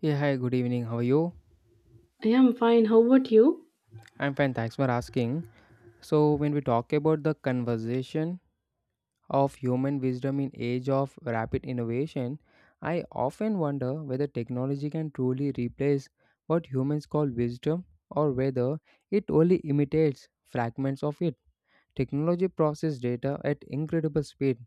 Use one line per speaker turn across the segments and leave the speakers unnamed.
Yeah, hi, good evening. How are you?
I am fine. How about you?
I'm fine, thanks for asking. So, when we talk about the conversation of human wisdom in age of rapid innovation, I often wonder whether technology can truly replace what humans call wisdom or whether it only imitates fragments of it. Technology processes data at incredible speed,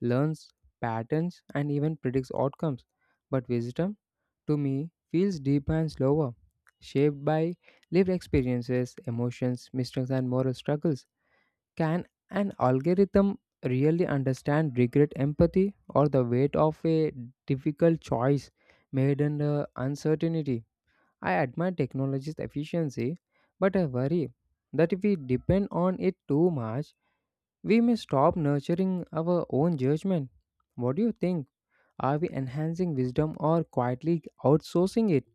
learns patterns and even predicts outcomes, but wisdom to me feels deeper and slower, shaped by lived experiences, emotions, mistakes, and moral struggles. Can an algorithm really understand regret, empathy, or the weight of a difficult choice made under uncertainty? I admire technology's efficiency, but I worry that if we depend on it too much, we may stop nurturing our own judgment. What do you think? Are we enhancing wisdom or quietly outsourcing it?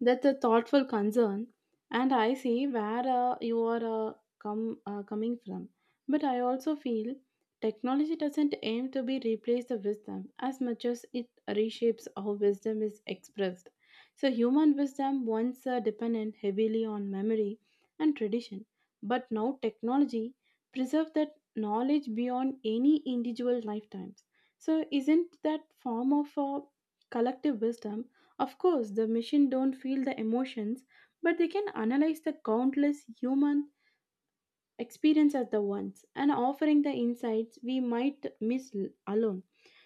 That's a thoughtful concern, and I see where you are uh, come coming from. But I also feel technology doesn't aim to be replaced the wisdom as much as it reshapes how wisdom is expressed. So human wisdom once dependent heavily on memory and tradition, but now technology preserves that knowledge beyond any individual lifetimes. So isn't that form of collective wisdom? Of course, the machine don't feel the emotions, but they can analyze the countless human experience as the ones and offering the insights we might miss alone.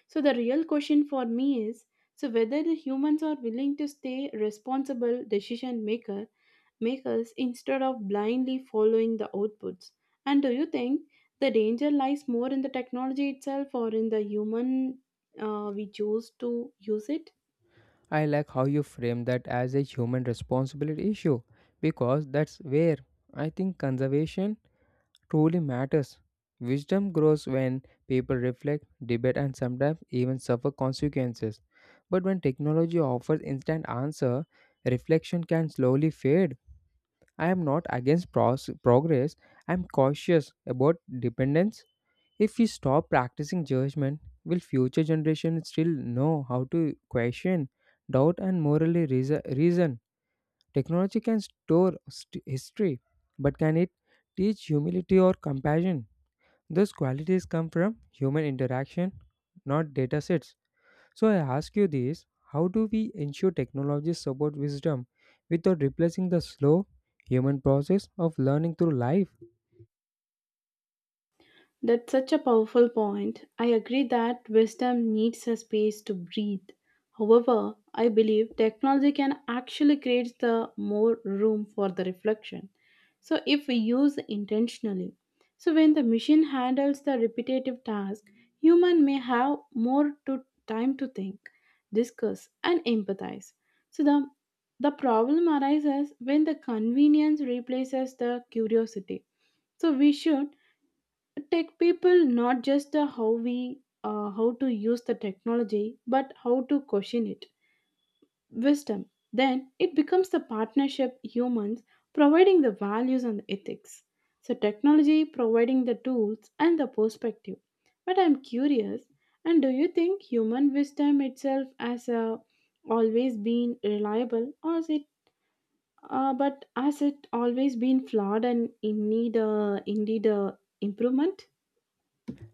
So the real question for me is so whether the humans are willing to stay responsible decision maker makers instead of blindly following the outputs. And do you think the danger lies more in the technology itself or in the human we choose to use it?
I like how you frame that as a human responsibility issue because that's where I think conservation truly matters. Wisdom grows when people reflect, debate, and sometimes even suffer consequences. But when technology offers instant answer, reflection can slowly fade. I am not against progress. I am cautious about dependence if we stop practicing judgment, will future generations still know how to question, doubt, and morally reason? Technology can store history, but can it teach humility or compassion? Those qualities come from human interaction, not data sets. So I ask you this, how do we ensure technologies support wisdom without replacing the slow human process of learning through life?
That's such a powerful point. I agree that wisdom needs a space to breathe. However, I believe technology can actually create the more room for the reflection. So if we use intentionally. So when the machine handles the repetitive task, human may have more to time to think, discuss and empathize. So the problem arises when the convenience replaces the curiosity. So we should tech people not just the how we how to use the technology but how to question it wisdom then it becomes the partnership humans providing the values and the ethics so technology providing the tools and the perspective, but I'm curious and do you think human wisdom itself has always been reliable or is it but has it always been flawed and in need indeed improvement?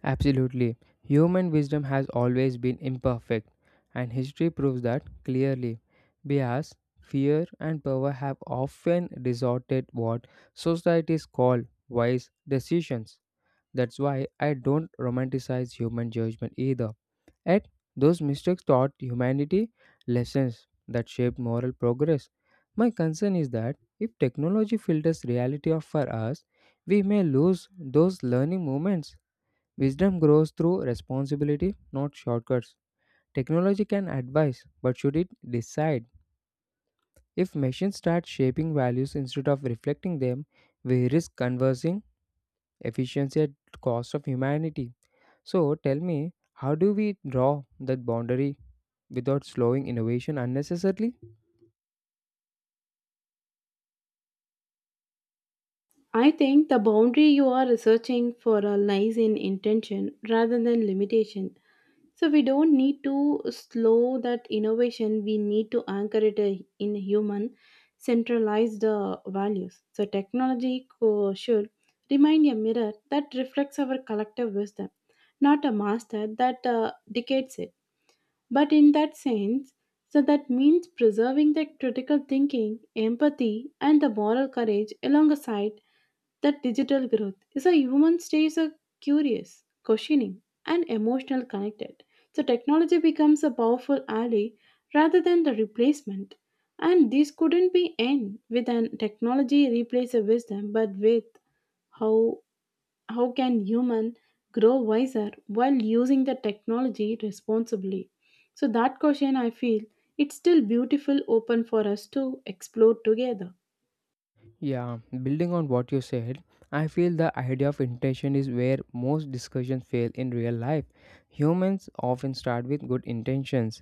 Absolutely. Human wisdom has always been imperfect, and history proves that clearly. Bias, fear, and power have often distorted what societies call wise decisions. That's why I don't romanticize human judgment either. Yet, those mistakes taught humanity lessons that shaped moral progress. My concern is that if technology filters reality off for us, we may lose those learning moments. Wisdom grows through responsibility, not shortcuts. Technology can advise, but should it decide? If machines start shaping values instead of reflecting them, we risk conversing efficiency at cost of humanity. So tell me, how do we draw that boundary without slowing innovation unnecessarily?
I think the boundary you are researching for a lies in intention rather than limitation. So we don't need to slow that innovation. We need to anchor it in human centralized values. So should remind a mirror that reflects our collective wisdom, not a master that dictates it. But in that sense, so that means preserving the critical thinking, empathy, and the moral courage alongside that digital growth is a human stays a curious, questioning, and emotional connected. So technology becomes a powerful ally rather than the replacement. And this couldn't be end with an technology replace a wisdom, but with how how can human grow wiser while using the technology responsibly? So that question I feel it's still beautiful open for us to explore together.
Yeah, building on what you said, I feel the idea of intention is where most discussions fail in real life. Humans often start with good intentions,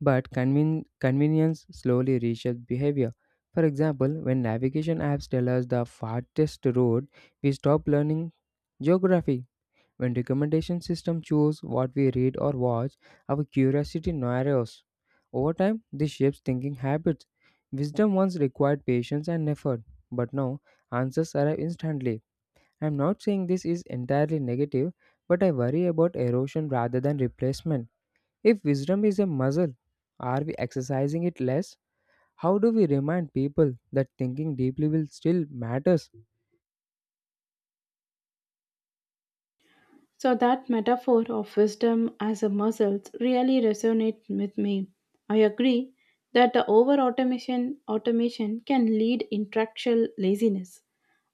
but convenience slowly reshapes behavior. For example, when navigation apps tell us the fastest road, we stop learning geography. When recommendation system choose what we read or watch, our curiosity narrows. Over time, this shapes thinking habits. Wisdom once required patience and effort, but now answers arrive instantly. I'm not saying this is entirely negative, but I worry about erosion rather than replacement. If wisdom is a muscle, are we exercising it less? How do we remind people that thinking deeply will still matters?
So that metaphor of wisdom as a muscle really resonates with me. I agree that the over automation can lead intellectual laziness.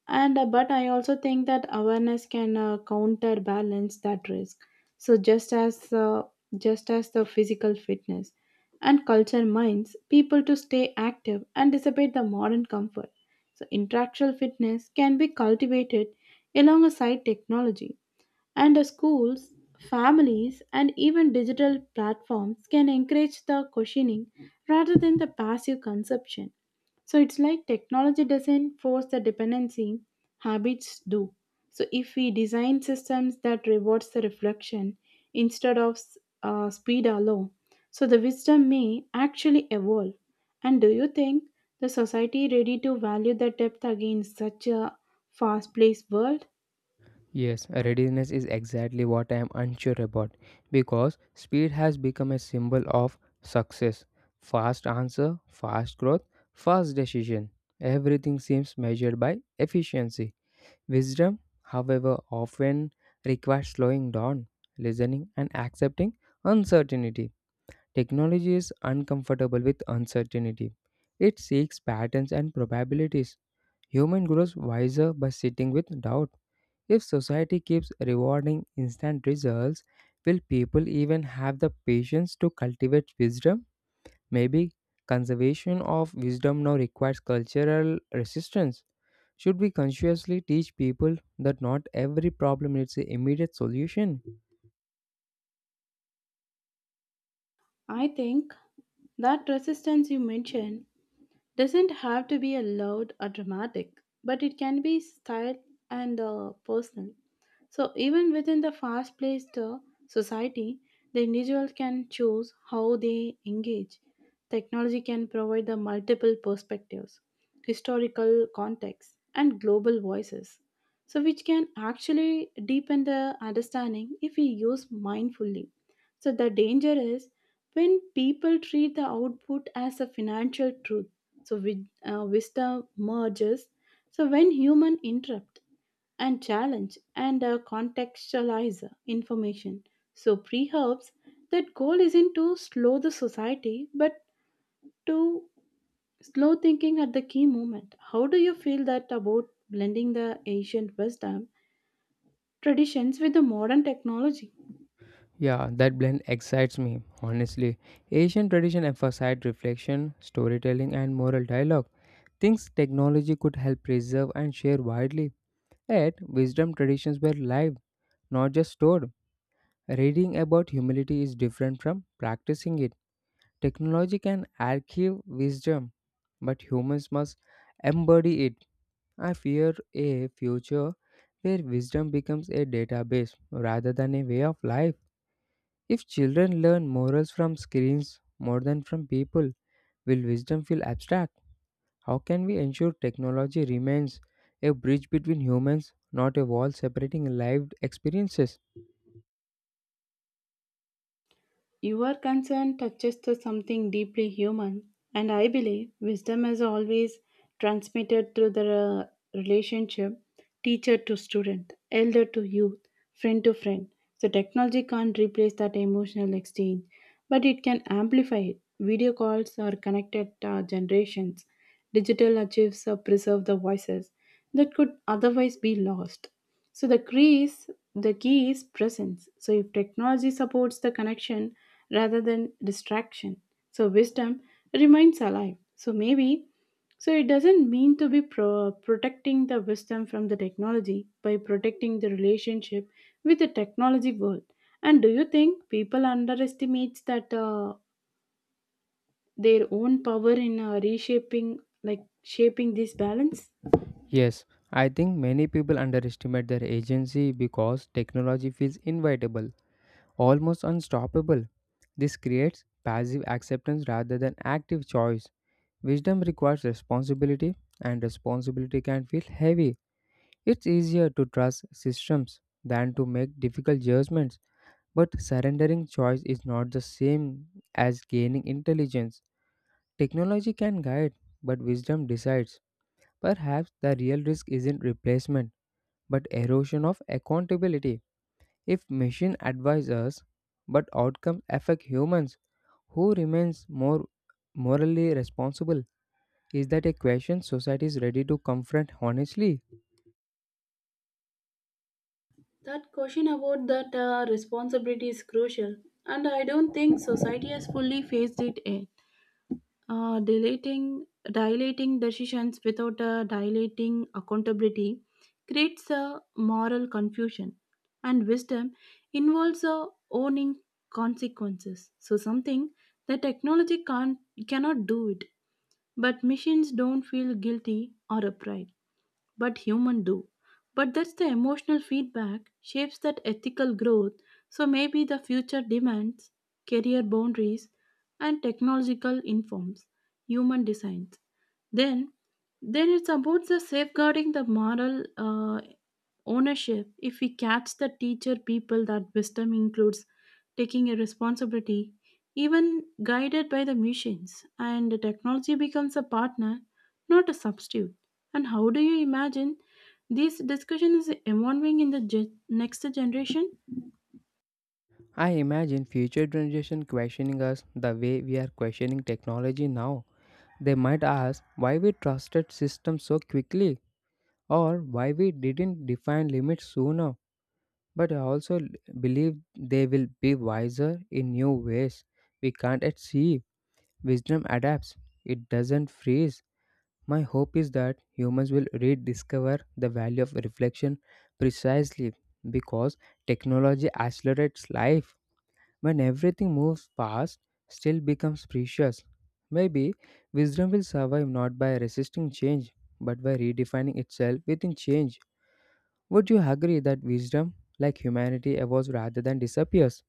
And But I also think that awareness can counterbalance that risk. So just as the physical fitness and culture minds people to stay active and dissipate the modern comfort. So intellectual fitness can be cultivated alongside technology and the schools, families, and even digital platforms can encourage the questioning rather than the passive consumption. So it's like technology doesn't force the dependency, habits do. So if we design systems that rewards the reflection instead of speed alone, so the wisdom may actually evolve. And do you think the society ready to value the depth again in such a fast-paced world?
Yes, readiness is exactly what I am unsure about because speed has become a symbol of success. Fast answer, fast growth, fast decision. Everything seems measured by efficiency. Wisdom, however, often requires slowing down, listening, and accepting uncertainty. Technology is uncomfortable with uncertainty. It seeks patterns and probabilities. Human grows wiser by sitting with doubt. If society keeps rewarding instant results, will people even have the patience to cultivate wisdom? Maybe conservation of wisdom now requires cultural resistance. Should we consciously teach people that not every problem needs an immediate solution?
I think that resistance you mentioned doesn't have to be a loud or dramatic, but it can be style and personal. So, even within the fast paced society, the individual can choose how they engage. Technology can provide the multiple perspectives, historical contexts, and global voices. So, which can actually deepen the understanding if we use mindfully. So, the danger is when people treat the output as a financial truth. So, with, wisdom merges. So, when human interrupt and challenge and contextualize information. So, pre helps that goal isn't to slow the society but to slow thinking at the key moment. How do you feel that about blending the ancient wisdom traditions with the modern technology?
Yeah, that blend excites me, honestly. Asian tradition emphasized reflection, storytelling, and moral dialogue, things technology could help preserve and share widely. Yet, wisdom traditions were live, not just stored. Reading about humility is different from practicing it. Technology can archive wisdom, but humans must embody it. I fear a future where wisdom becomes a database rather than a way of life. If children learn morals from screens more than from people, will wisdom feel abstract? How can we ensure technology remains a bridge between humans, not a wall separating lived experiences?
Your concern touches to something deeply human, and I believe wisdom is always transmitted through the relationship teacher to student, elder to youth, friend to friend. So, technology can't replace that emotional exchange, but it can amplify it. Video calls are connected generations, digital archives preserve the voices that could otherwise be lost. So, the key is presence. So, if technology supports the connection, rather than distraction. So wisdom remains alive. So maybe, so it doesn't mean to be protecting the wisdom from the technology by protecting the relationship with the technology world. And do you think people underestimates that their own power in reshaping, like shaping this balance?
Yes, I think many people underestimate their agency because technology feels inevitable, almost unstoppable. This creates passive acceptance rather than active choice. Wisdom requires responsibility, and responsibility can feel heavy. It's easier to trust systems than to make difficult judgments, but surrendering choice is not the same as gaining intelligence. Technology can guide, but wisdom decides. Perhaps the real risk isn't replacement, but erosion of accountability. If machine advise us, but outcomes affect humans, who remains more morally responsible? Is that a question society is ready to confront honestly?
That question about that responsibility is crucial, and I don't think society has fully faced it yet. uh, dilating dilating decisions without a dilating accountability creates a moral confusion and wisdom involves a owning consequences so something that technology can't cannot do it but machines don't feel guilty or upright but human do. But that's the emotional feedback shapes that ethical growth. So maybe the future demands career boundaries and technological informs human designs. Then, then it's about the safeguarding the moral ownership if we catch the teacher people that wisdom includes taking a responsibility even guided by the machines and the technology becomes a partner not a substitute. And how do you imagine this discussion is evolving in the next generation?
I imagine future generation questioning us the way we are questioning technology now. They might ask why we trusted systems so quickly or why we didn't define limits sooner. But I also believe they will be wiser in new ways. We can't yet see. Wisdom adapts, it doesn't freeze. My hope is that humans will rediscover the value of reflection precisely because technology accelerates life. When everything moves fast, still becomes precious. Maybe wisdom will survive not by resisting change, but by redefining itself within change. Would you agree that wisdom, like humanity, evolves rather than disappears?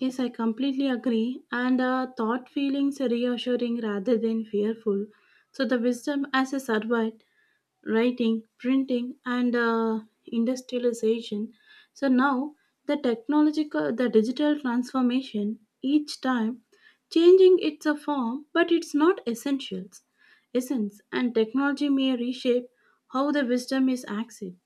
Yes, I completely agree, and thought feelings are reassuring rather than fearful so the wisdom as a survived writing, printing, and industrialization. So now the technological, the digital transformation each time changing its a form, but it's not essence, and technology may reshape how the wisdom is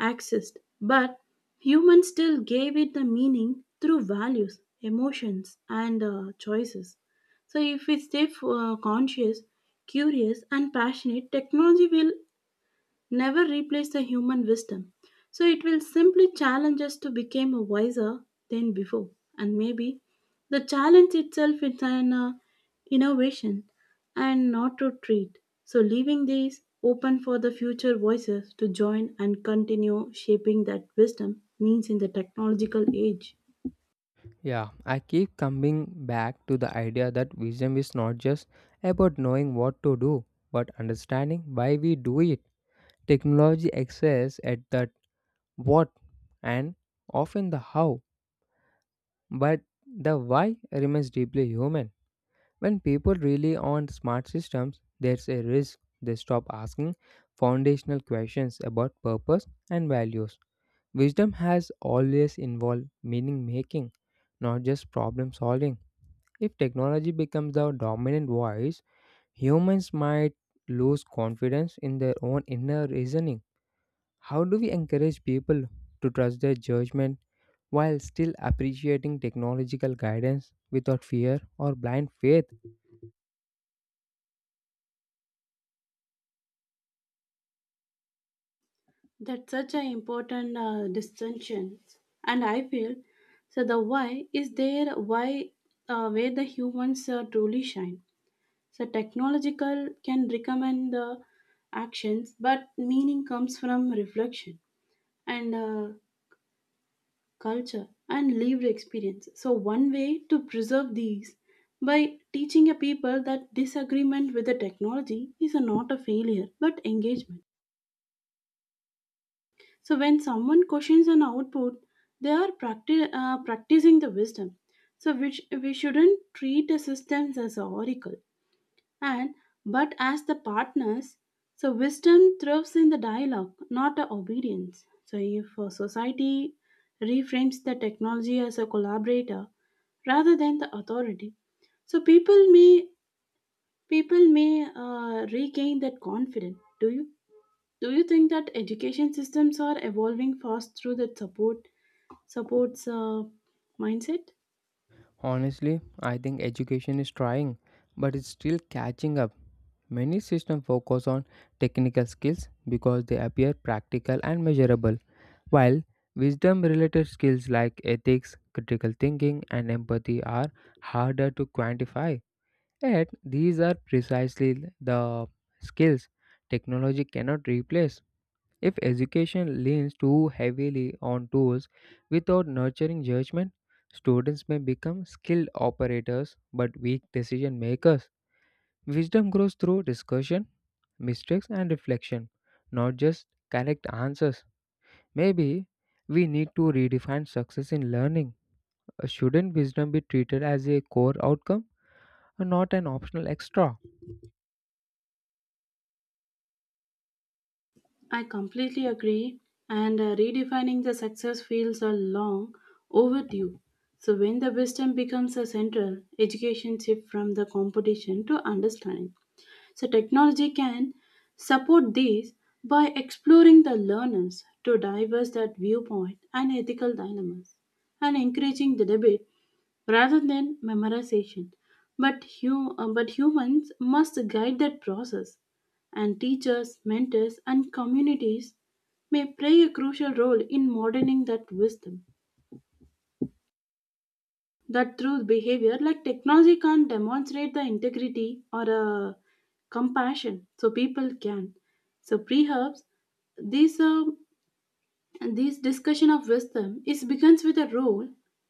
accessed, but humans still gave it the meaning through values, emotions, and choices. So if we stay conscious, curious, and passionate, technology will never replace the human wisdom. So it will simply challenge us to become wiser than before. And maybe the challenge itself is an innovation and not to treat. So leaving these open for the future voices to join and continue shaping that wisdom means in the technological age.
Yeah, I keep coming back to the idea that wisdom is not just about knowing what to do, but understanding why we do it. Technology excels at that what and often the how, but the why remains deeply human. When people rely on smart systems, there's a risk they stop asking foundational questions about purpose and values. Wisdom has always involved meaning making, not just problem solving. If technology becomes our dominant voice, humans might lose confidence in their own inner reasoning. How do we encourage people to trust their judgment while still appreciating technological guidance without fear or blind faith?
That's such an important distinction. And I feel so the why is there why where the humans truly shine. So technological can recommend the actions, but meaning comes from reflection and culture and lived experience. So one way to preserve these by teaching a people that disagreement with the technology is a not a failure but engagement. So when someone questions an output, they are practicing the wisdom. So which we shouldn't treat the systems as oracle and but as the partners so wisdom thrives in the dialogue not a obedience so if a society reframes the technology as a collaborator rather than the authority so people may regain that confidence. Do you think that education systems are evolving fast through that support supports mindset?
Honestly, I think education is trying, but it's still catching up. Many systems focus on technical skills because they appear practical and measurable, while wisdom related skills like ethics, critical thinking, and empathy are harder to quantify. Yet, these are precisely the skills technology cannot replace. If education leans too heavily on tools without nurturing judgment, students may become skilled operators but weak decision makers. Wisdom grows through discussion, mistakes, and reflection, not just correct answers. Maybe we need to redefine success in learning. Shouldn't wisdom be treated as a core outcome and not an optional extra?
I completely agree, and redefining the success fields are long overdue. So, when the wisdom becomes a central, education shift from the competition to understanding. So technology can support these by exploring the learners to diverse that viewpoint and ethical dilemmas and encouraging the debate rather than memorization. But humans must guide that process, and teachers, mentors, and communities may play a crucial role in modeling that wisdom that through behavior like technology can't demonstrate the integrity or compassion so people can so perhaps this uh, this discussion of wisdom is begins with a role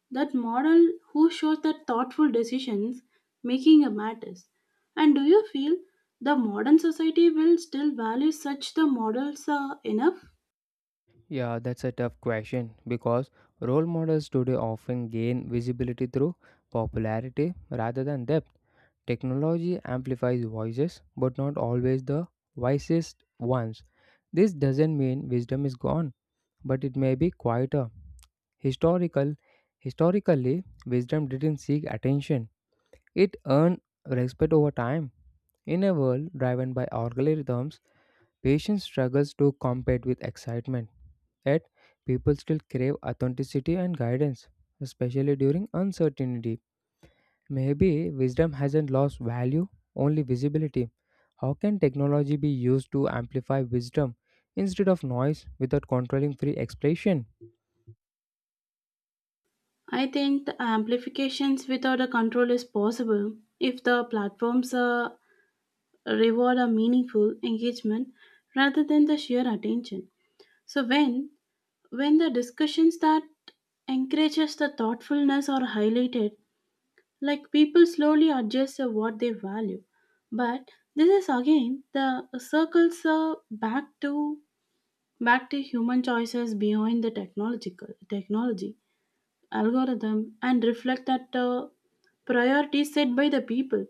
that model who shows that thoughtful decisions making a matters. And do you feel the modern society will still value such the models enough?
Yeah, that's a tough question because role models today often gain visibility through popularity rather than depth. Technology amplifies voices, but not always the wisest ones. This doesn't mean wisdom is gone, but it may be quieter. Historical, historically, wisdom didn't seek attention, it earned respect over time. In a world driven by algorithms, patience struggles to compete with excitement. Yet, people still crave authenticity and guidance, especially during uncertainty. Maybe wisdom hasn't lost value, only visibility. How can technology be used to amplify wisdom instead of noise without controlling free expression?
I think the amplifications without a control is possible if the platforms reward a meaningful engagement rather than the sheer attention. So when the discussions that encourages the thoughtfulness are highlighted, like people slowly adjust to what they value. But this is again the circles back to back to human choices behind the technological technology algorithm and reflect that priority set by the people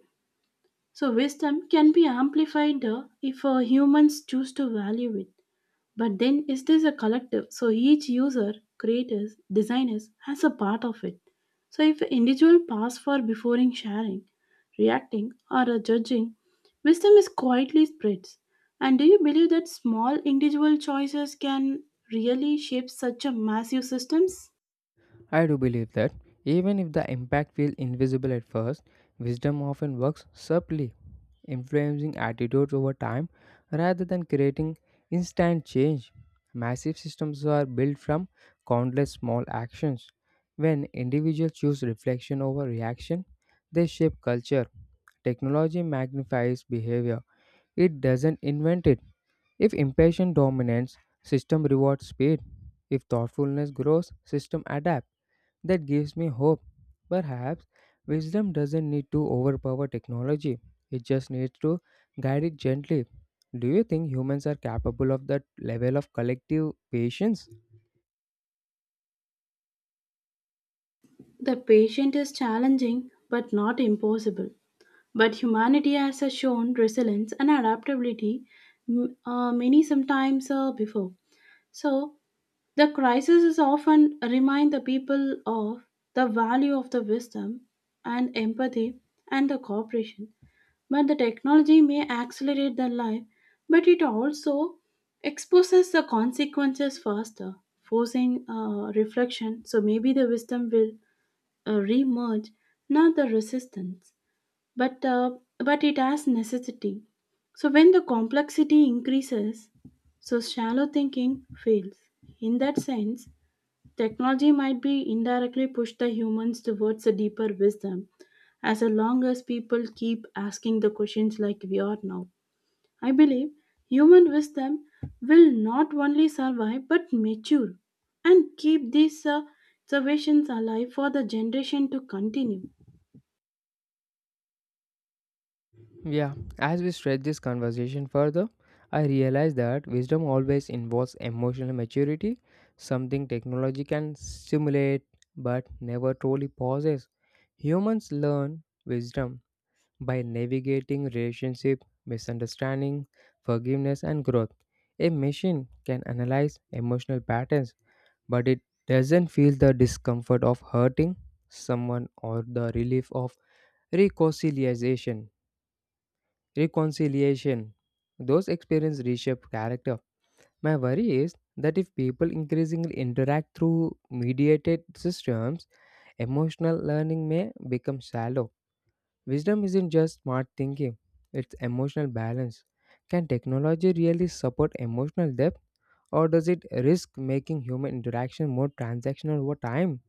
so, wisdom can be amplified if humans choose to value it. But then, is this a collective? So, each user, creators, designers has a part of it. So, if an individual pass for before in sharing, reacting, or judging, wisdom is quietly spreads. And do you believe that small individual choices can really shape such a massive systems?
I do believe that even if the impact feels invisible at first, wisdom often works subtly, influencing attitudes over time rather than creating instant change. Massive systems are built from countless small actions. When individuals choose reflection over reaction, they shape culture. Technology magnifies behavior, it doesn't invent it. If impatience dominates, system rewards speed. If thoughtfulness grows, system adapts. That gives me hope. Perhaps wisdom doesn't need to overpower technology, it just needs to guide it gently. Do you think humans are capable of that level of collective patience?
The patient is challenging but not impossible. But humanity has shown resilience and adaptability many sometimes before. So the crisis is often remind the people of the value of the wisdom and empathy and the cooperation. But the technology may accelerate the life, but it also exposes the consequences faster, forcing reflection. So maybe the wisdom will re-emerge, not the resistance but uh, but it has necessity. So when the complexity increases, so shallow thinking fails. In that sense, technology might be indirectly pushed the humans towards a deeper wisdom as long as people keep asking the questions like we are now. I believe human wisdom will not only survive but mature and keep these observations alive for the generation to continue.
Yeah, as we stretch this conversation further, I realize that wisdom always involves emotional maturity, something technology can simulate but never truly possess. Humans learn wisdom by navigating relationship, misunderstanding, forgiveness, and growth. A machine can analyze emotional patterns, but it doesn't feel the discomfort of hurting someone or the relief of reconciliation. reconciliation. Those experiences reshape character. My worry is that if people increasingly interact through mediated systems, emotional learning may become shallow. Wisdom isn't just smart thinking, it's emotional balance. Can technology really support emotional depth, or does it risk making human interaction more transactional over time?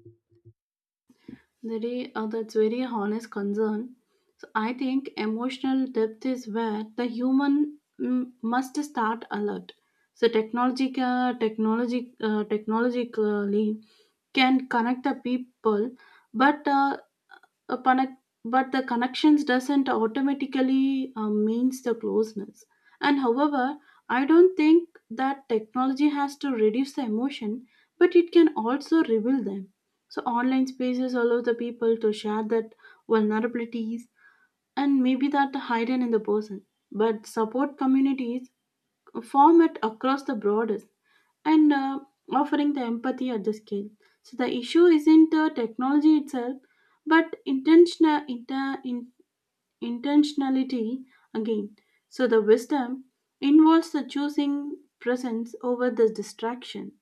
Very. That's very honest concern. So I think emotional depth is where the human must start alert. So technologically can connect the people, but a connect, but the connections doesn't automatically means the closeness. And however, I don't think that technology has to reduce the emotion but it can also reveal them so online spaces allow the people to share that vulnerabilities and maybe that hidden in the person but support communities format across the borders and offering the empathy at the scale. So the issue isn't the technology itself, but intentionality again. So the wisdom involves the choosing presence over the distractions.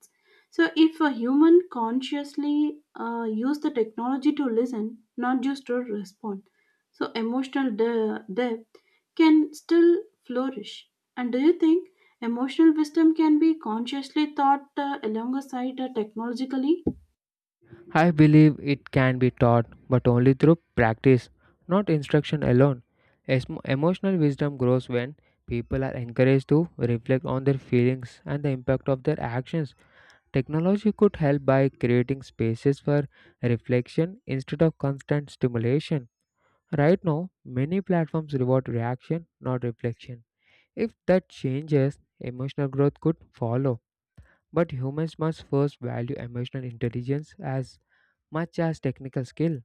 So if a human consciously use the technology to listen, not just to respond, so depth can still flourish? And do you think emotional wisdom can be consciously taught alongside technologically?
I believe it can be taught, but only through practice, not instruction alone. Emotional wisdom grows when people are encouraged to reflect on their feelings and the impact of their actions. Technology could help by creating spaces for reflection instead of constant stimulation. Right now, many platforms reward reaction, not reflection. If that changes, emotional growth could follow. But humans must first value emotional intelligence as much as technical skill.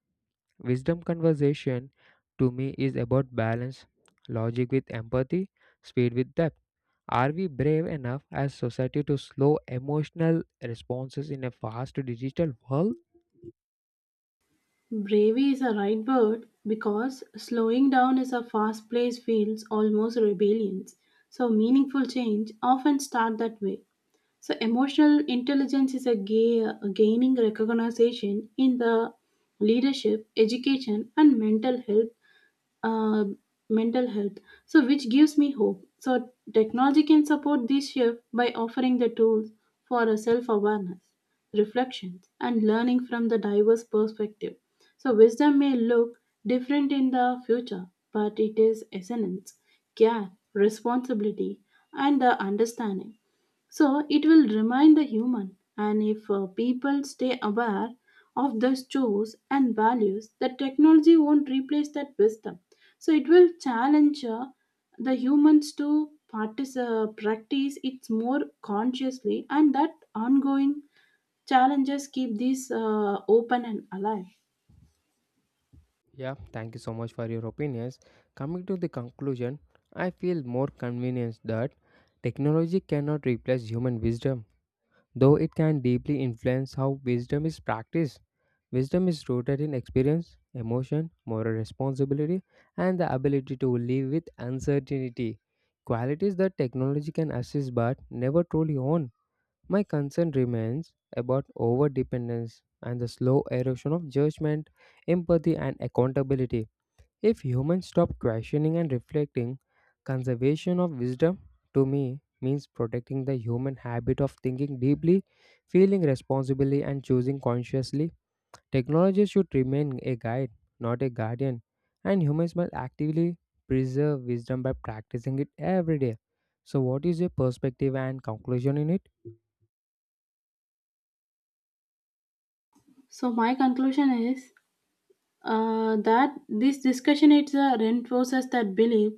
Wisdom conversation to me is about balance, logic with empathy, speed with depth. Are we brave enough as society to slow emotional responses in a fast digital world?
Bravery is a right word because slowing down is a fast place feels almost rebellions. So meaningful change often start that way. So emotional intelligence is a gaining recognition in the leadership, education, and uh, mental health so which gives me hope so technology can support this shift by offering the tools for a self-awareness reflections and learning from the diverse perspective so wisdom may look different in the future but it is essence care responsibility and the understanding so it will remind the human, and if people stay aware of those choice and values, the technology won't replace that wisdom. So it will challenge the humans to practice it more consciously, and that ongoing challenges keep this open and alive.
Yeah, thank you so much for your opinions. Coming to the conclusion, I feel more convinced that technology cannot replace human wisdom, though it can deeply influence how wisdom is practiced. Wisdom is rooted in experience, emotion, moral responsibility, and the ability to live with uncertainty. Qualities that technology can assist but never truly own. My concern remains about over dependence and the slow erosion of judgment, empathy, and accountability. If humans stop questioning and reflecting, conservation of wisdom to me means protecting the human habit of thinking deeply, feeling responsibly, and choosing consciously. Technology should remain a guide, not a guardian, and humans must actively preserve wisdom by practicing it every day. So, what is your perspective and conclusion in it?
So my conclusion is that this discussion it reinforces that belief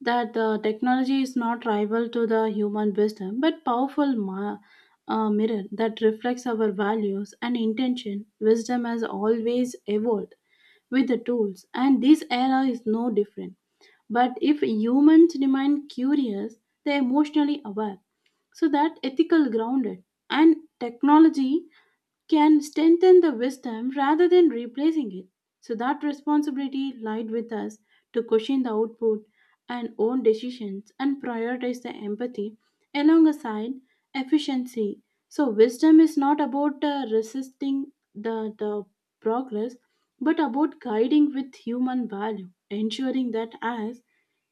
that technology is not rival to the human wisdom but powerful mirror that reflects our values and intention wisdom has always evolved with the tools and this era is no different but if humans remain curious they are emotionally aware so that ethical grounded and technology can strengthen the wisdom rather than replacing it. So that responsibility lied with us to question the output and own decisions and prioritize the empathy alongside efficiency. So wisdom is not about resisting the progress, but about guiding with human value, ensuring that as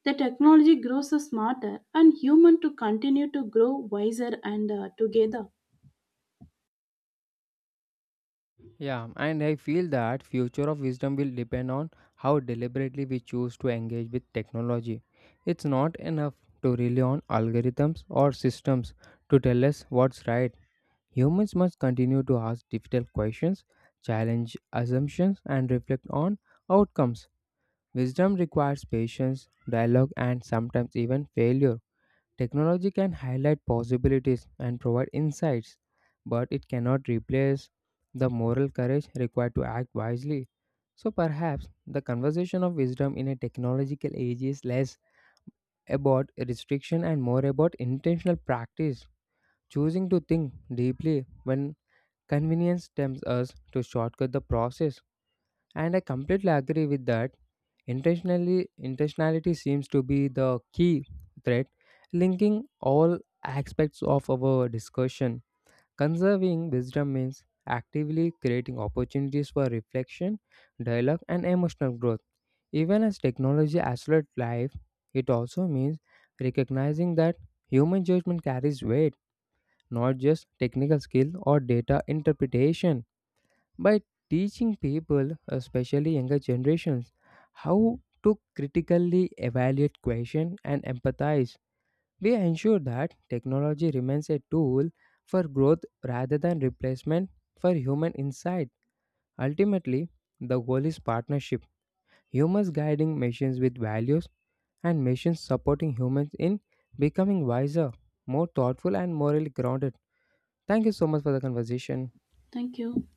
the technology grows smarter and human to continue to grow wiser and together.
Yeah, and I feel that future of wisdom will depend on how deliberately we choose to engage with technology. It's not enough to rely on algorithms or systems to tell us what's right. Humans must continue to ask difficult questions, challenge assumptions, and reflect on outcomes. Wisdom requires patience, dialogue, and sometimes even failure. Technology can highlight possibilities and provide insights, but it cannot replace the moral courage required to act wisely. So perhaps the conversation of wisdom in a technological age is less about restriction and more about intentional practice, choosing to think deeply when convenience tempts us to shortcut the process. And I completely agree with that. Intentionality seems to be the key thread linking all aspects of our discussion. Conserving wisdom means actively creating opportunities for reflection, dialogue, and emotional growth. Even as technology accelerates life, it also means recognizing that human judgment carries weight, not just technical skill or data interpretation by teaching people, especially younger generations, how to critically evaluate question and empathize. We ensure that technology remains a tool for growth rather than replacement for human insight. Ultimately, the goal is partnership, humans guiding machines with values and machines supporting humans in becoming wiser, more thoughtful and morally grounded. Thank you so much for the conversation.
Thank you.